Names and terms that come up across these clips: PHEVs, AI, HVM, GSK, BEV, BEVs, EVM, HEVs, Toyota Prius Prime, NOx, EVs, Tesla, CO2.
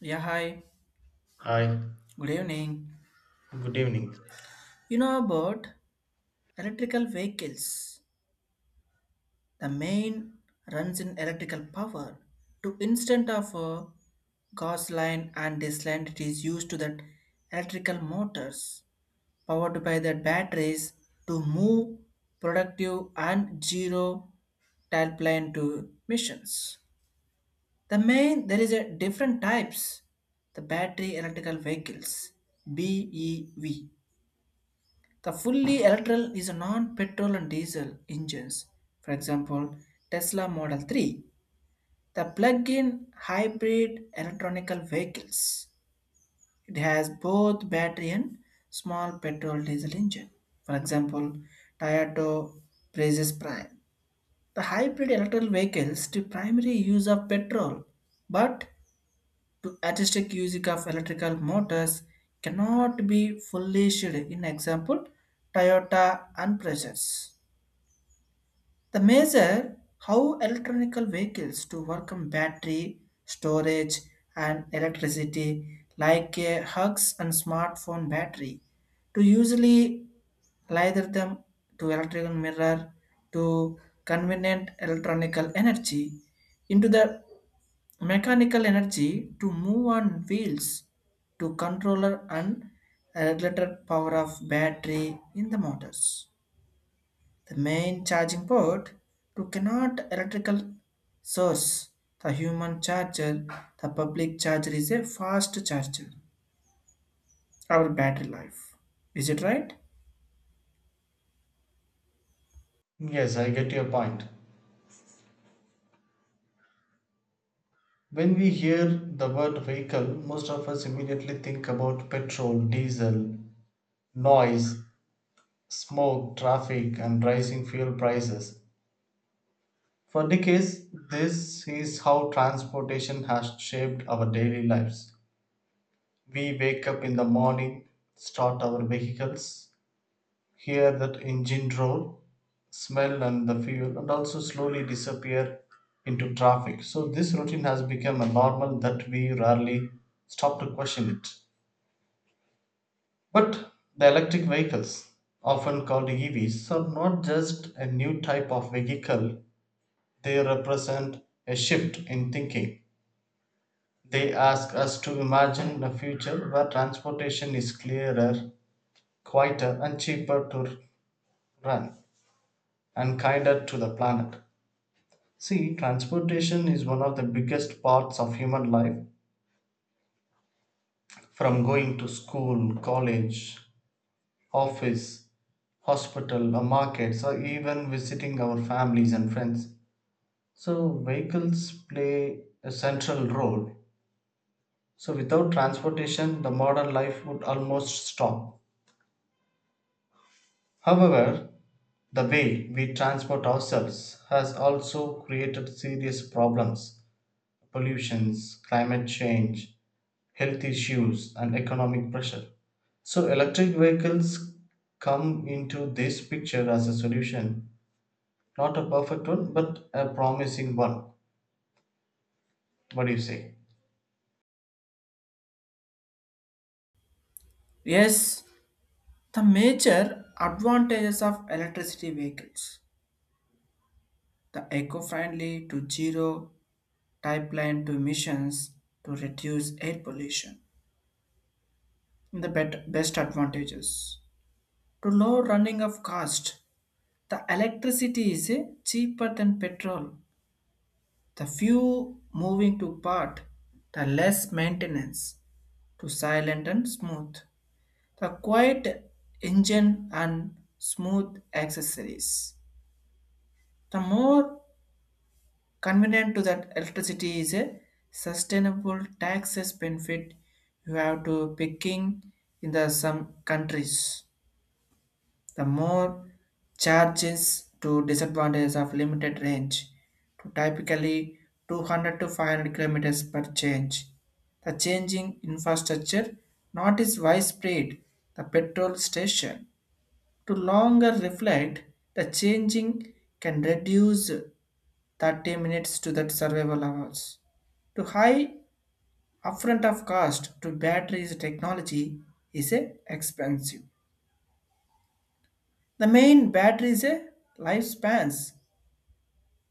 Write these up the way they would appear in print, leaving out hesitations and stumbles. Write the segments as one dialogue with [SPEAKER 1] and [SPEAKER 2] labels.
[SPEAKER 1] Yeah, hi.
[SPEAKER 2] Hi,
[SPEAKER 1] Good evening.
[SPEAKER 2] good evening.
[SPEAKER 1] You know about electrical vehicles. The main runs in electrical power. To instant of a gasoline and diesel, it is used to that electrical motors powered by the batteries to move productive and zero tailplane to missions. The main there is a different types. The battery electrical vehicles, BEV. The fully electrical is a non-petrol and diesel engines. For example, Tesla Model 3, the plug-in hybrid electronical vehicles. It has both battery and small petrol diesel engine. For example, Toyota Prius Prime. The hybrid electrical vehicles to primary use of petrol, but to artistic usage of electrical motors cannot be fully shared. In example, Toyota and Prius. The measure how electronic vehicles to work on battery, storage, and electricity, like a hugs and smartphone battery, to usually either them to electrical mirror to convenient electronical energy into the mechanical energy to move on wheels to controller and regulator power of battery in the motors. The main charging port to cannot electrical source. The human charger, the public charger is a fast charger. Our battery life. Is it right?
[SPEAKER 2] Yes, I get your point. When we hear the word vehicle, most of us immediately think about petrol, diesel, noise, smoke, traffic, and rising fuel prices. For decades, this is how transportation has shaped our daily lives. We wake up in the morning, start our vehicles, hear that engine roll, smell and the fuel, and also slowly disappear into traffic. So this routine has become a normal that we rarely stop to question it. But the electric vehicles, often called EVs, are not just a new type of vehicle, they represent a shift in thinking. They ask us to imagine a future where transportation is clearer, quieter, and cheaper to run, and kinder to the planet. See, transportation is one of the biggest parts of human life. From going to school, college, office, hospital, or markets, or even visiting our families and friends. So, vehicles play a central role. So, without transportation, the modern life would almost stop. However, the way we transport ourselves has also created serious problems: pollutions, climate change, health issues and economic pressure. So electric vehicles come into this picture as a solution, not a perfect one but a promising one. What do you say?
[SPEAKER 1] Yes. The major advantages of electricity vehicles. The eco-friendly to zero pipeline to emissions to reduce air pollution. The best advantages. To low running of cost. The electricity is cheaper than petrol. The few moving to part, the less maintenance to silent and smooth. The quiet engine and smooth accessories. The more convenient to that electricity is a sustainable taxes benefit you have to picking in the some countries. The more charges to disadvantages of limited range to typically 200 to 500 kilometers per change. The changing infrastructure not is widespread. The petrol station to longer reflect the changing can reduce 30 minutes to that survival hours. To high upfront of cost to batteries technology is a expensive. The main battery is a lifespans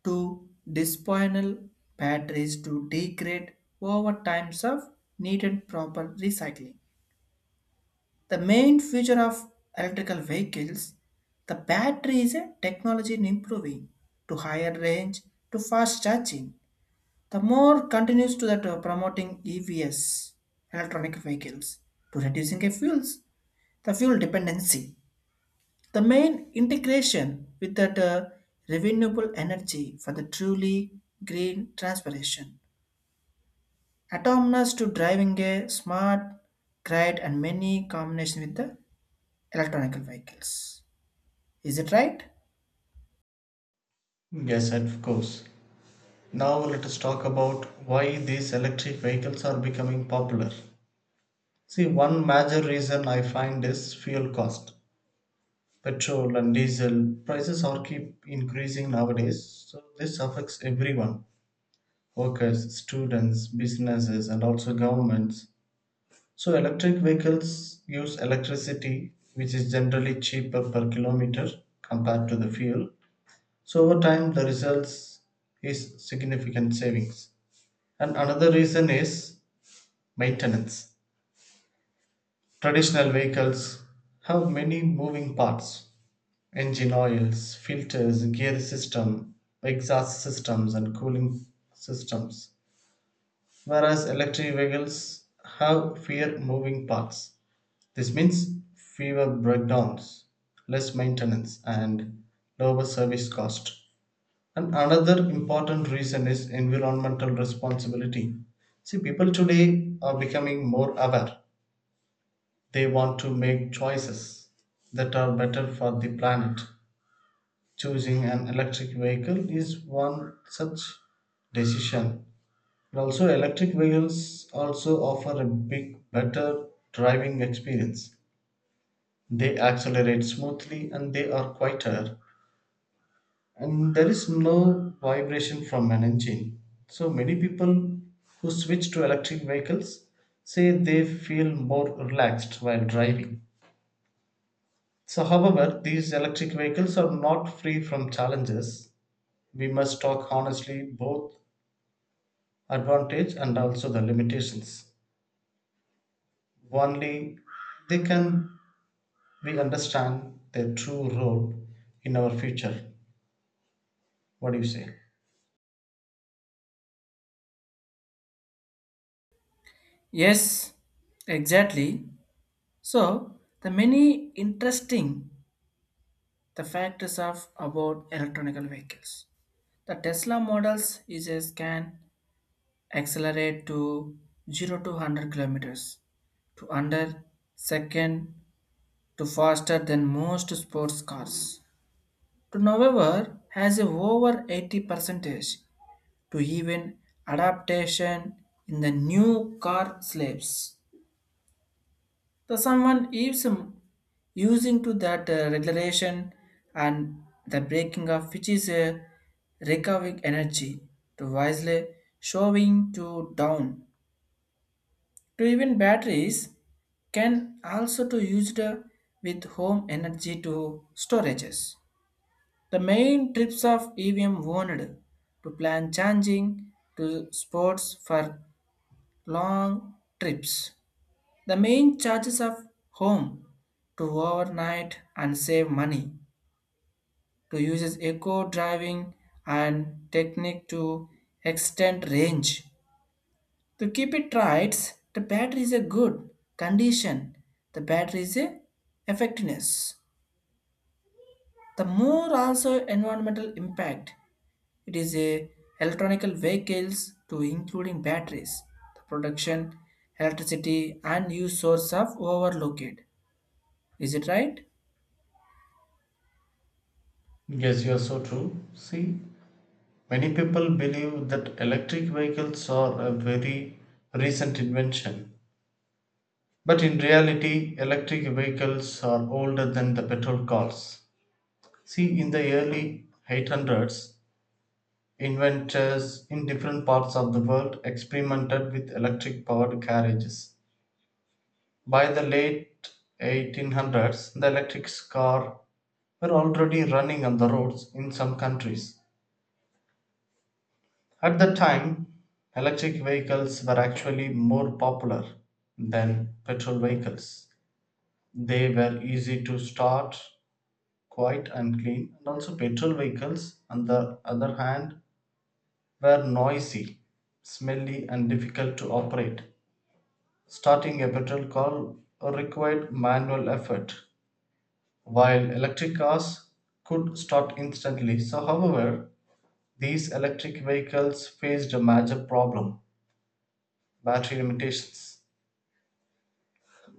[SPEAKER 1] to disposable batteries to degrade over times of need and proper recycling. The main feature of electrical vehicles, the battery is a technology in improving to higher range to fast charging. The more continues to that promoting EVs, electronic vehicles, to reducing the fuels, the fuel dependency. The main integration with that renewable energy for the truly green transformation. Autonomous to driving a smart grid and many combination with the electronic vehicles. Is it right?
[SPEAKER 2] Yes, of course. Now let us talk about why these electric vehicles are becoming popular. See, one major reason I find is fuel cost. Petrol and diesel prices are keep increasing nowadays, so this affects everyone: workers, students, businesses and also governments. So electric vehicles use electricity, which is generally cheaper per kilometer compared to the fuel. So over time, the results is significant savings. And another reason is maintenance. Traditional vehicles have many moving parts: engine oils, filters, gear system, exhaust systems, and cooling systems. Whereas electric vehicles have fewer moving parts. This means fewer breakdowns, less maintenance and lower service cost. And another important reason is environmental responsibility. See, people today are becoming more aware. They want to make choices that are better for the planet. Choosing an electric vehicle is one such decision. And also, electric vehicles also offer a big, better driving experience. They accelerate smoothly and they are quieter and there is no vibration from an engine. So many people who switch to electric vehicles say they feel more relaxed while driving. So however, these electric vehicles are not free from challenges. We must talk honestly both advantage and also the limitations. Only they can we understand their true role in our future. What do you say?
[SPEAKER 1] Yes, exactly. So the many interesting the factors of about electronic vehicles. The Tesla models is a scan accelerate to 0 to 100 kilometers to under second to faster than most sports cars to however has a over 80 percentage to even adaptation in the new car slaves. The someone is using to that regulation and the breaking of which is a recovering energy to wisely showing to down. To even batteries can also to used with home energy to storages. The main trips of EVM owned to plan charging to sports for long trips. The main charges of home to overnight and save money to uses eco driving and technique to extend range. To keep it right, the battery is a good condition. The battery is a effectiveness. The more also environmental impact. It is a electronical vehicles to including batteries. The production, electricity and use source of overlooked. Is it right?
[SPEAKER 2] Yes, you're so true. See, many people believe that electric vehicles are a very recent invention. But in reality, electric vehicles are older than the petrol cars. See, in the early 800s, inventors in different parts of the world experimented with electric powered carriages. By the late 1800s, the electric car were already running on the roads in some countries. At that time, electric vehicles were actually more popular than petrol vehicles. They were easy to start, quiet and clean, and also petrol vehicles, on the other hand, were noisy, smelly, and difficult to operate. Starting a petrol car required manual effort, while electric cars could start instantly. So, however, these electric vehicles faced a major problem: battery limitations.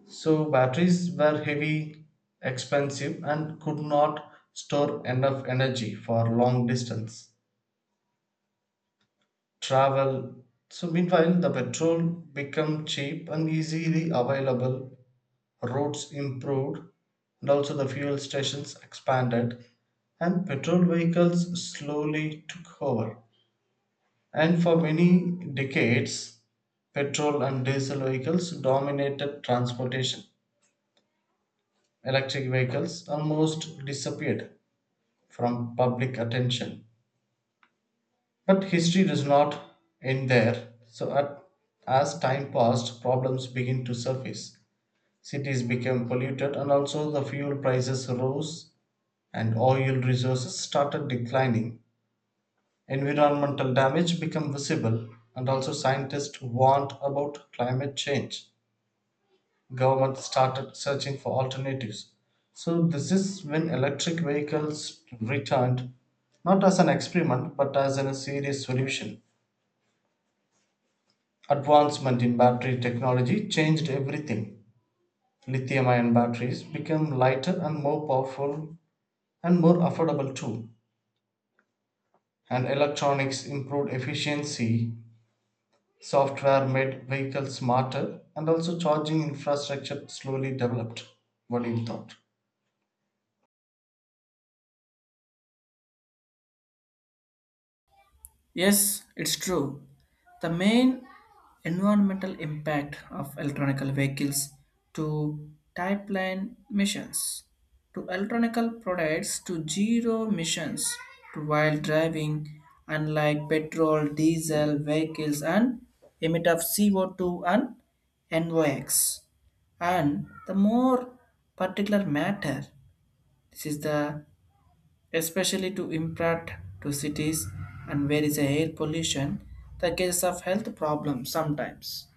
[SPEAKER 2] So batteries were heavy, expensive, and could not store enough energy for long distance travel. So meanwhile, the petrol became cheap and easily available. Roads improved, and also the fuel stations expanded, and petrol vehicles slowly took over. And for many decades, petrol and diesel vehicles dominated transportation. Electric vehicles almost disappeared from public attention. But history does not end there. So, as time passed, problems begin to surface. Cities became polluted, and also the fuel prices rose, and oil resources started declining. Environmental damage became visible, and also scientists warned about climate change. Government started searching for alternatives. So this is when electric vehicles returned, not as an experiment, but a serious solution. Advancement in battery technology changed everything. Lithium ion batteries became lighter and more powerful and more affordable too. And electronics improved efficiency. Software made vehicles smarter and also charging infrastructure slowly developed. What do you thought?
[SPEAKER 1] Yes, it's true. The main environmental impact of electronic vehicles to type line emissions to electronic products to zero emissions to while driving, unlike petrol diesel vehicles and emit of CO2 and NOx and the more particular matter. This is the especially to impact to cities and where is a air pollution, the case of health problems sometimes.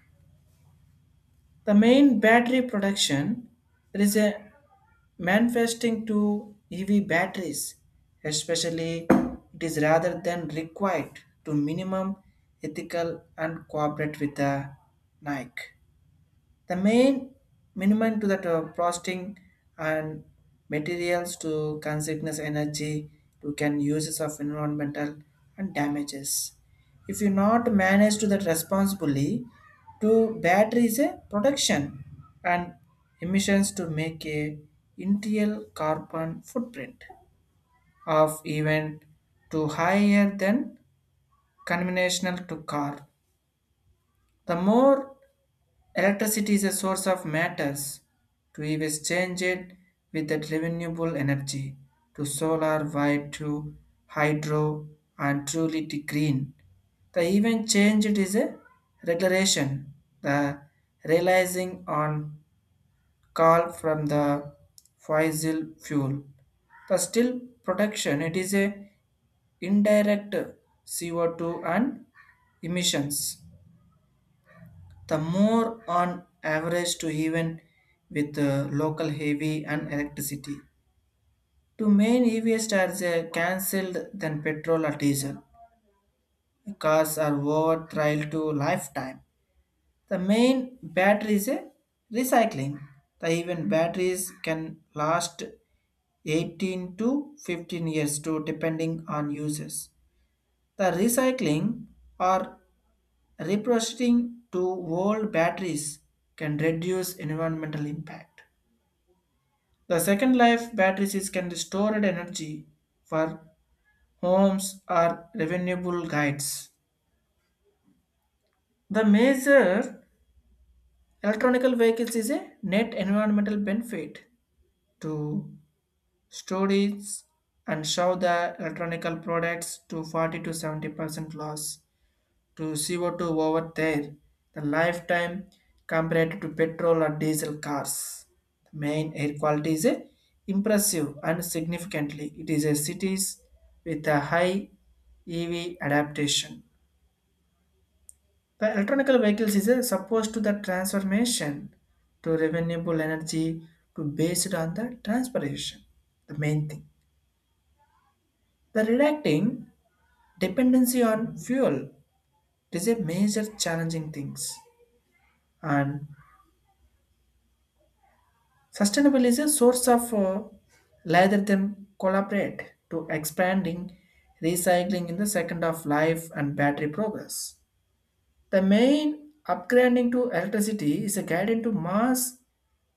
[SPEAKER 1] The main battery production, there is a manifesting to ev batteries, especially it is rather than required to minimum ethical and cooperate with the nike. The main minimum to that processing and materials to consciousness energy to can uses of environmental and damages. If you not manage to that responsibly, to battery is a production and emissions to make a interior carbon footprint of even to higher than conventional to car. The more electricity is a source of matters to be it with that renewable energy to solar, wind, to hydro, and truly to green. The even change it is a regulation. The realizing on call from the fossil fuel. The still production it is a indirect CO2 and emissions, the more on average to even with local heavy and electricity. To main EVs stars are cancelled than petrol or diesel. Cars are over trial to lifetime. The main battery is a recycling. The even batteries can last 18 to 15 years to depending on uses. The recycling or reprocessing to old batteries can reduce environmental impact. The second life batteries is can store energy for homes or renewable guides. The major electronic vehicles is a net environmental benefit to storage and show the electronic products to 40 to 70% loss to CO2 over there, the lifetime compared to petrol or diesel cars. The main air quality is a impressive and significantly it is a cities with a high EV adaptation. The electronic vehicles is a supposed to the transformation to renewable energy to based on the transportation. The main thing. The reducing dependency on fuel is a major challenging things and sustainable is a source of rather than collaborate to expanding recycling in the second of life and battery progress. The main upgrading to electricity is a guided to mass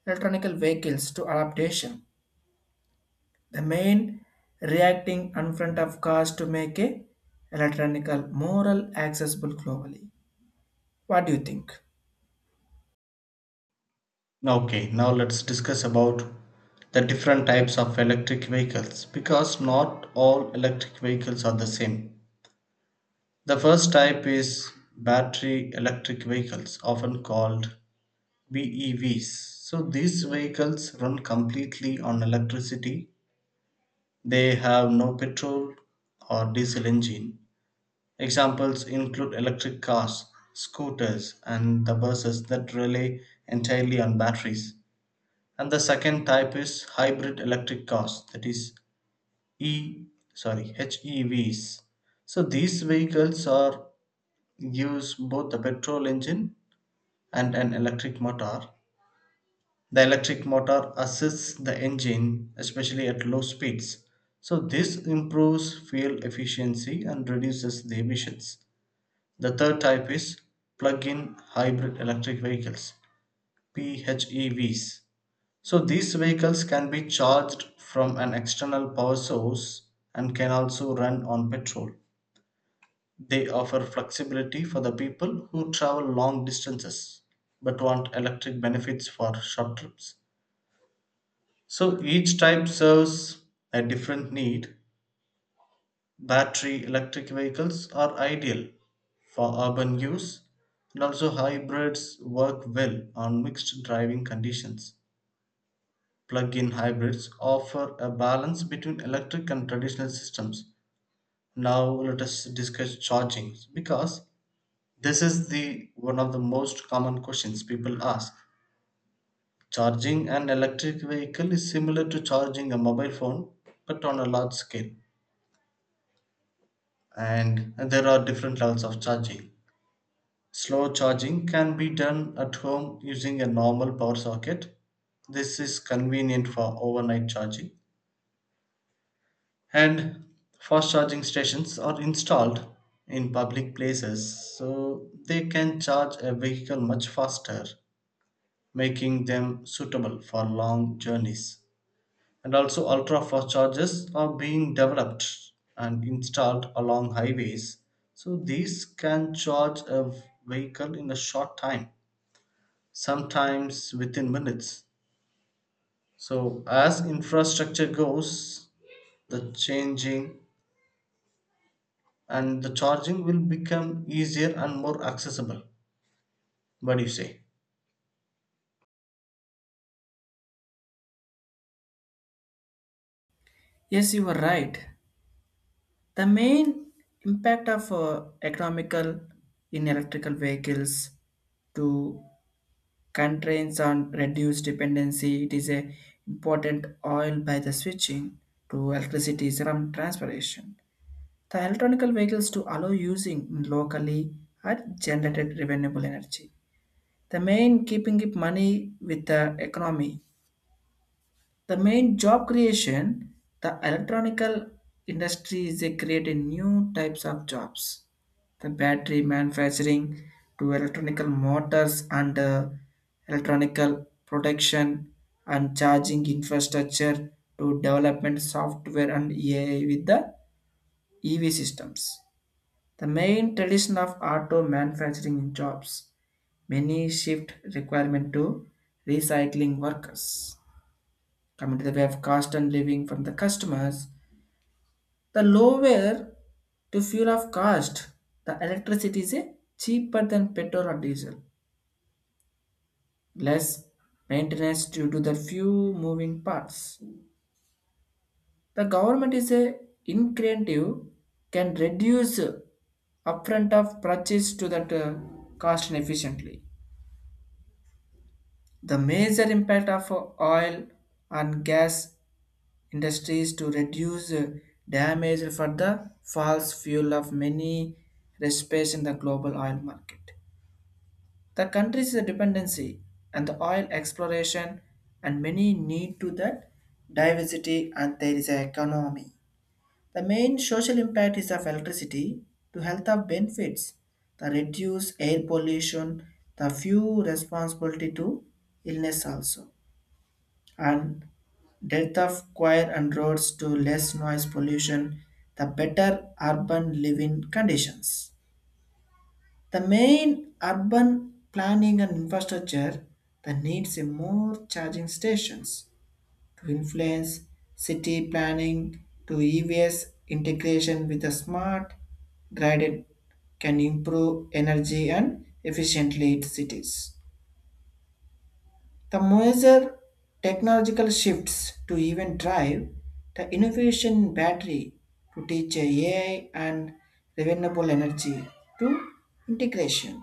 [SPEAKER 1] electronic vehicles to adaptation. The main reacting in front of cars to make a electronic moral accessible globally. What do you think?
[SPEAKER 2] Okay, now let's discuss about the different types of electric vehicles because not all electric vehicles are the same. The first type is battery electric vehicles, often called BEVs. So these vehicles run completely on electricity. They have no petrol or diesel engine. Examples include electric cars, scooters, and the buses that rely entirely on batteries. And the second type is hybrid electric cars, that is e sorry HEVs. So these vehicles are use both a petrol engine and an electric motor. The electric motor assists the engine especially at low speeds, so this improves fuel efficiency and reduces the emissions. The third type is plug-in hybrid electric vehicles, PHEVs. So these vehicles can be charged from an external power source and can also run on petrol. They offer flexibility for the people who travel long distances but want electric benefits for short trips. So each type serves a different need. Battery electric vehicles are ideal for urban use and also hybrids work well on mixed driving conditions. Plug-in hybrids offer a balance between electric and traditional systems. Now let us discuss charging, because this is the one of the most common questions people ask. Charging an electric vehicle is similar to charging a mobile phone, but on a large scale, and there are different levels of charging. Slow charging can be done at home using a normal power socket. This is convenient for overnight charging. And fast charging stations are installed in public places, so they can charge a vehicle much faster, making them suitable for long journeys. And also, ultra fast chargers are being developed and installed along highways. So, these can charge a vehicle in a short time, sometimes within minutes. So, as infrastructure goes, the changing and the charging will become easier and more accessible. What do you say?
[SPEAKER 1] Yes, you were right. The main impact of economical in electrical vehicles to constraints on reduced dependency. It is a important oil by the switching to electricity is around transportation. The electronic vehicles to allow using locally are generated renewable energy. The main keeping it money with the economy, the main job creation, the electronical industry is they create a new types of jobs. The battery manufacturing to electronical motors and electronical production and charging infrastructure to development software and AI with the EV systems. The main tradition of auto manufacturing jobs, many shift requirement to recycling workers. Coming to the way of cost and living from the customers, the lower to fuel of cost, the electricity is a cheaper than petrol or diesel. Less maintenance due to the few moving parts. The government is a incentive can reduce upfront of purchase to that cost efficiently. The major impact of oil and gas industries to reduce damage for the false fuel of many recipes in the global oil market. The country's dependency and the oil exploration and many need to that diversity and there is an economy. The main social impact is of electricity to health of benefits, the reduce air pollution, the few responsibility to illness also. And death of quiet and roads to less noise pollution, the better urban living conditions. The main urban planning and infrastructure that needs a more charging stations to influence city planning to EVS integration with the smart grid can improve energy and efficiently cities. The major technological shifts to even drive the innovation in battery to teach AI and renewable energy to integration.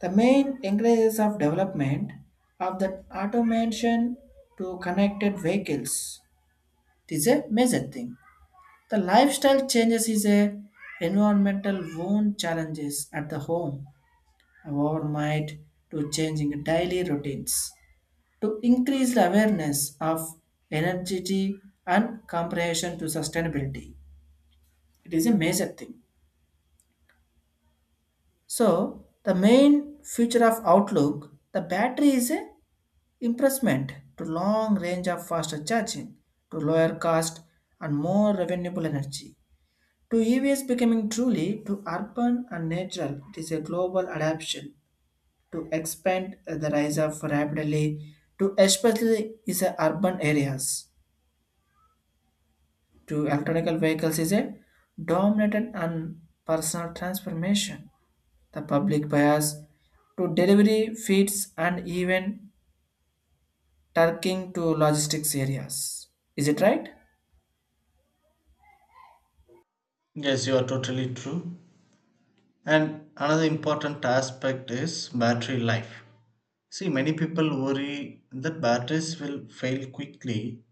[SPEAKER 1] The main encourages of development of the automation to connected vehicles. This is a major thing. The lifestyle changes is a environmental wound challenges at the home or might to changing daily routines to increase the awareness of energy and comprehension to sustainability. It is a major thing. So the main feature of Outlook, the battery is a impressment to long range of faster charging, to lower cost and more renewable energy. To EVs becoming truly to urban and natural, it is a global adaptation to expand the rise of rapidly to especially is a urban areas. To electrical vehicles is a dominant and personal transformation. The public bias to delivery feeds and even turking to logistics areas. Is it right?
[SPEAKER 2] Yes, you are totally true. And another important aspect is battery life. See, many people worry that batteries will fail quickly,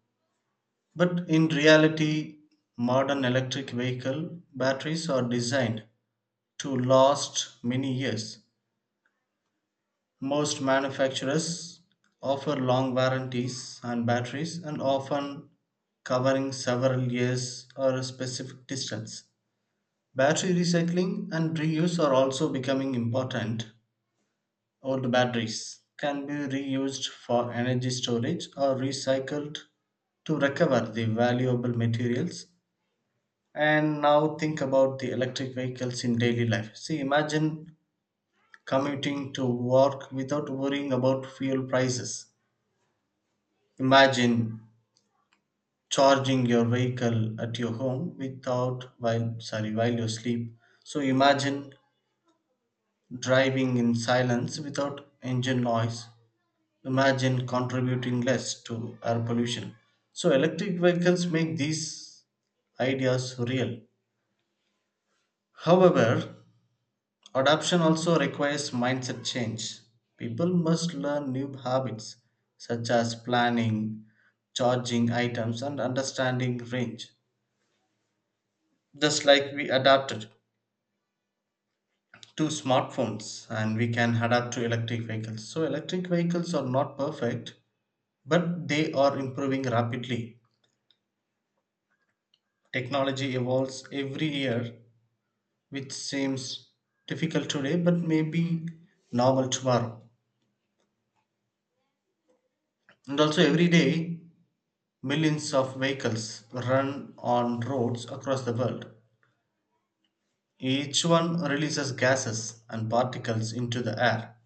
[SPEAKER 2] but in reality, modern electric vehicle batteries are designed to last many years. Most manufacturers offer long warranties on batteries and often covering several years or a specific distance. Battery recycling and reuse are also becoming important. Old batteries can be reused for energy storage or recycled to recover the valuable materials. And now think about the electric vehicles in daily life. See, imagine commuting to work without worrying about fuel prices. Imagine charging your vehicle at your home without while you sleep. So imagine driving in silence without engine noise. Imagine contributing less to air pollution. So electric vehicles make these ideas real. However, adoption also requires mindset change. People must learn new habits such as planning, charging items and understanding range. Just like we adapted to smartphones, and we can adapt to electric vehicles. So, electric vehicles are not perfect, but they are improving rapidly. Technology evolves every year, which seems difficult today, but may be normal tomorrow. And also, every day, millions of vehicles run on roads across the world. Each one releases gases and particles into the air.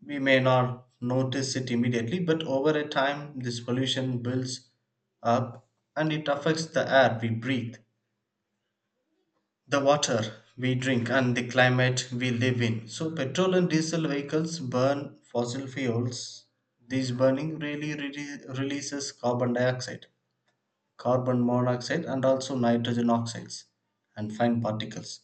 [SPEAKER 2] We may not notice it immediately, but over a time, this pollution builds up and it affects the air we breathe, the water we drink, and the climate we live in. So, petrol and diesel vehicles burn fossil fuels. These burning releases carbon dioxide, carbon monoxide, and also nitrogen oxides and fine particles.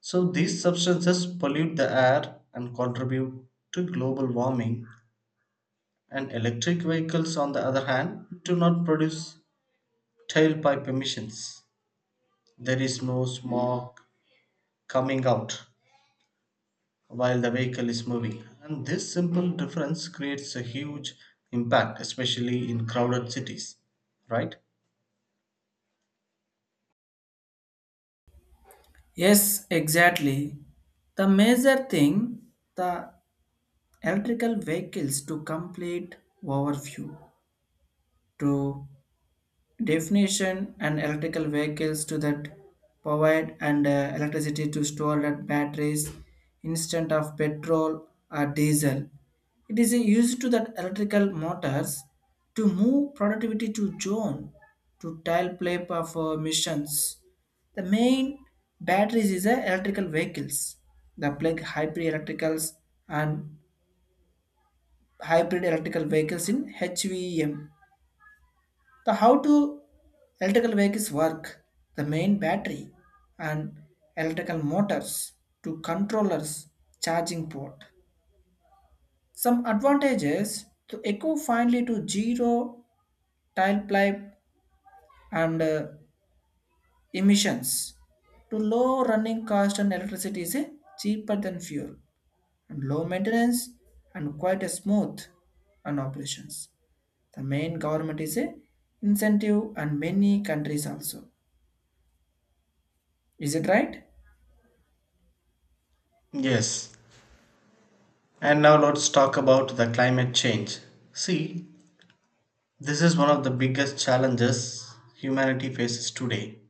[SPEAKER 2] So, these substances pollute the air and contribute to global warming, and electric vehicles on the other hand do not produce tailpipe emissions. There is no smog coming out while the vehicle is moving, and this simple difference creates a huge impact, especially in crowded cities, right?
[SPEAKER 1] Yes, exactly. The major thing, the electrical vehicles to complete overview to definition and electrical vehicles to that provide and electricity to store that batteries instead of petrol or diesel. It is used to that electrical motors to move productivity to zone to tile play of missions. The main batteries is a electrical vehicles. The plug hybrid electricals and hybrid electrical vehicles in HVM, the how to electrical vehicles work, the main battery and electrical motors to controllers charging port. Some advantages to eco finally to zero tailpipe and emissions to low running cost and electricity is cheaper than fuel and low maintenance and quite a smooth and operations. The main government is a incentive and many countries also. Is it right?
[SPEAKER 2] Yes, and now let's talk about the climate change. See, this is one of the biggest challenges humanity faces today.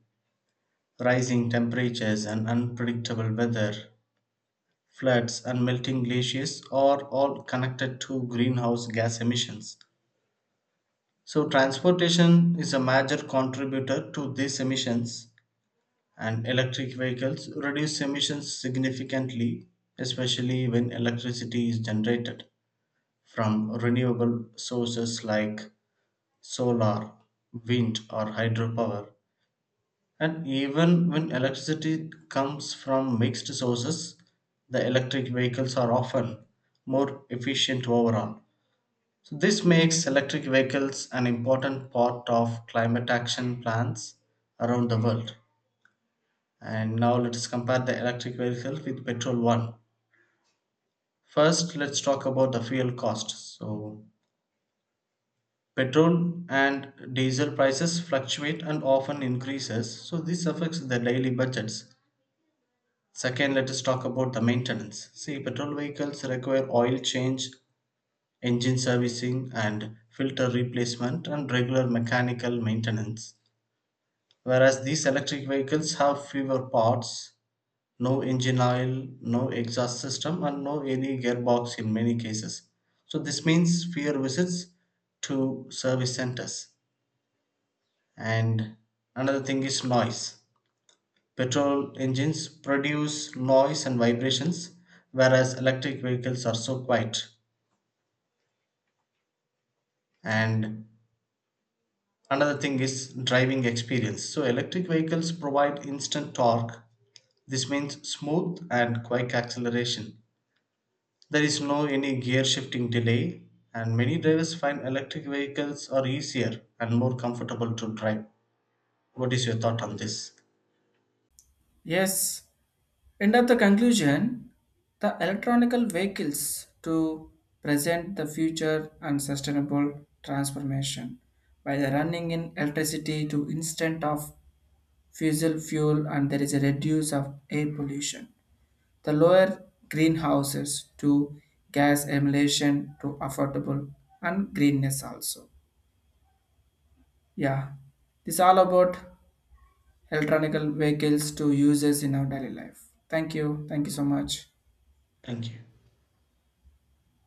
[SPEAKER 2] Rising temperatures and unpredictable weather, floods, and melting glaciers are all connected to greenhouse gas emissions. So, transportation is a major contributor to these emissions, and electric vehicles reduce emissions significantly, especially when electricity is generated from renewable sources like solar, wind, or hydropower. And even when electricity comes from mixed sources, the electric vehicles are often more efficient overall. So, this makes electric vehicles an important part of climate action plans around the world. And now let us compare the electric vehicle with petrol one. First, let's talk about the fuel cost. So, petrol and diesel prices fluctuate and often increases. So, this affects the daily budgets. Second, let us talk about the maintenance. See, petrol vehicles require oil change, engine servicing, and filter replacement, and regular mechanical maintenance. Whereas these electric vehicles have fewer parts, no engine oil, no exhaust system, and no any gearbox in many cases. So, this means fewer visits to service centers. And another thing is noise. Petrol engines produce noise and vibrations, whereas electric vehicles are so quiet. And another thing is driving experience. So, electric vehicles provide instant torque. This means smooth and quick acceleration. There is no any gear shifting delay, and many drivers find electric vehicles are easier and more comfortable to drive. What is your thought on this?
[SPEAKER 1] Yes, end of the conclusion, the electronical vehicles to present the future and sustainable transformation by the running in electricity to instant of fossil fuel and there is a reduce of air pollution. The lower greenhouses to gas emulation to affordable and greenness also. Yeah, this all about electronical vehicles to uses in our daily life. Thank you. Thank you so much.
[SPEAKER 2] Thank you.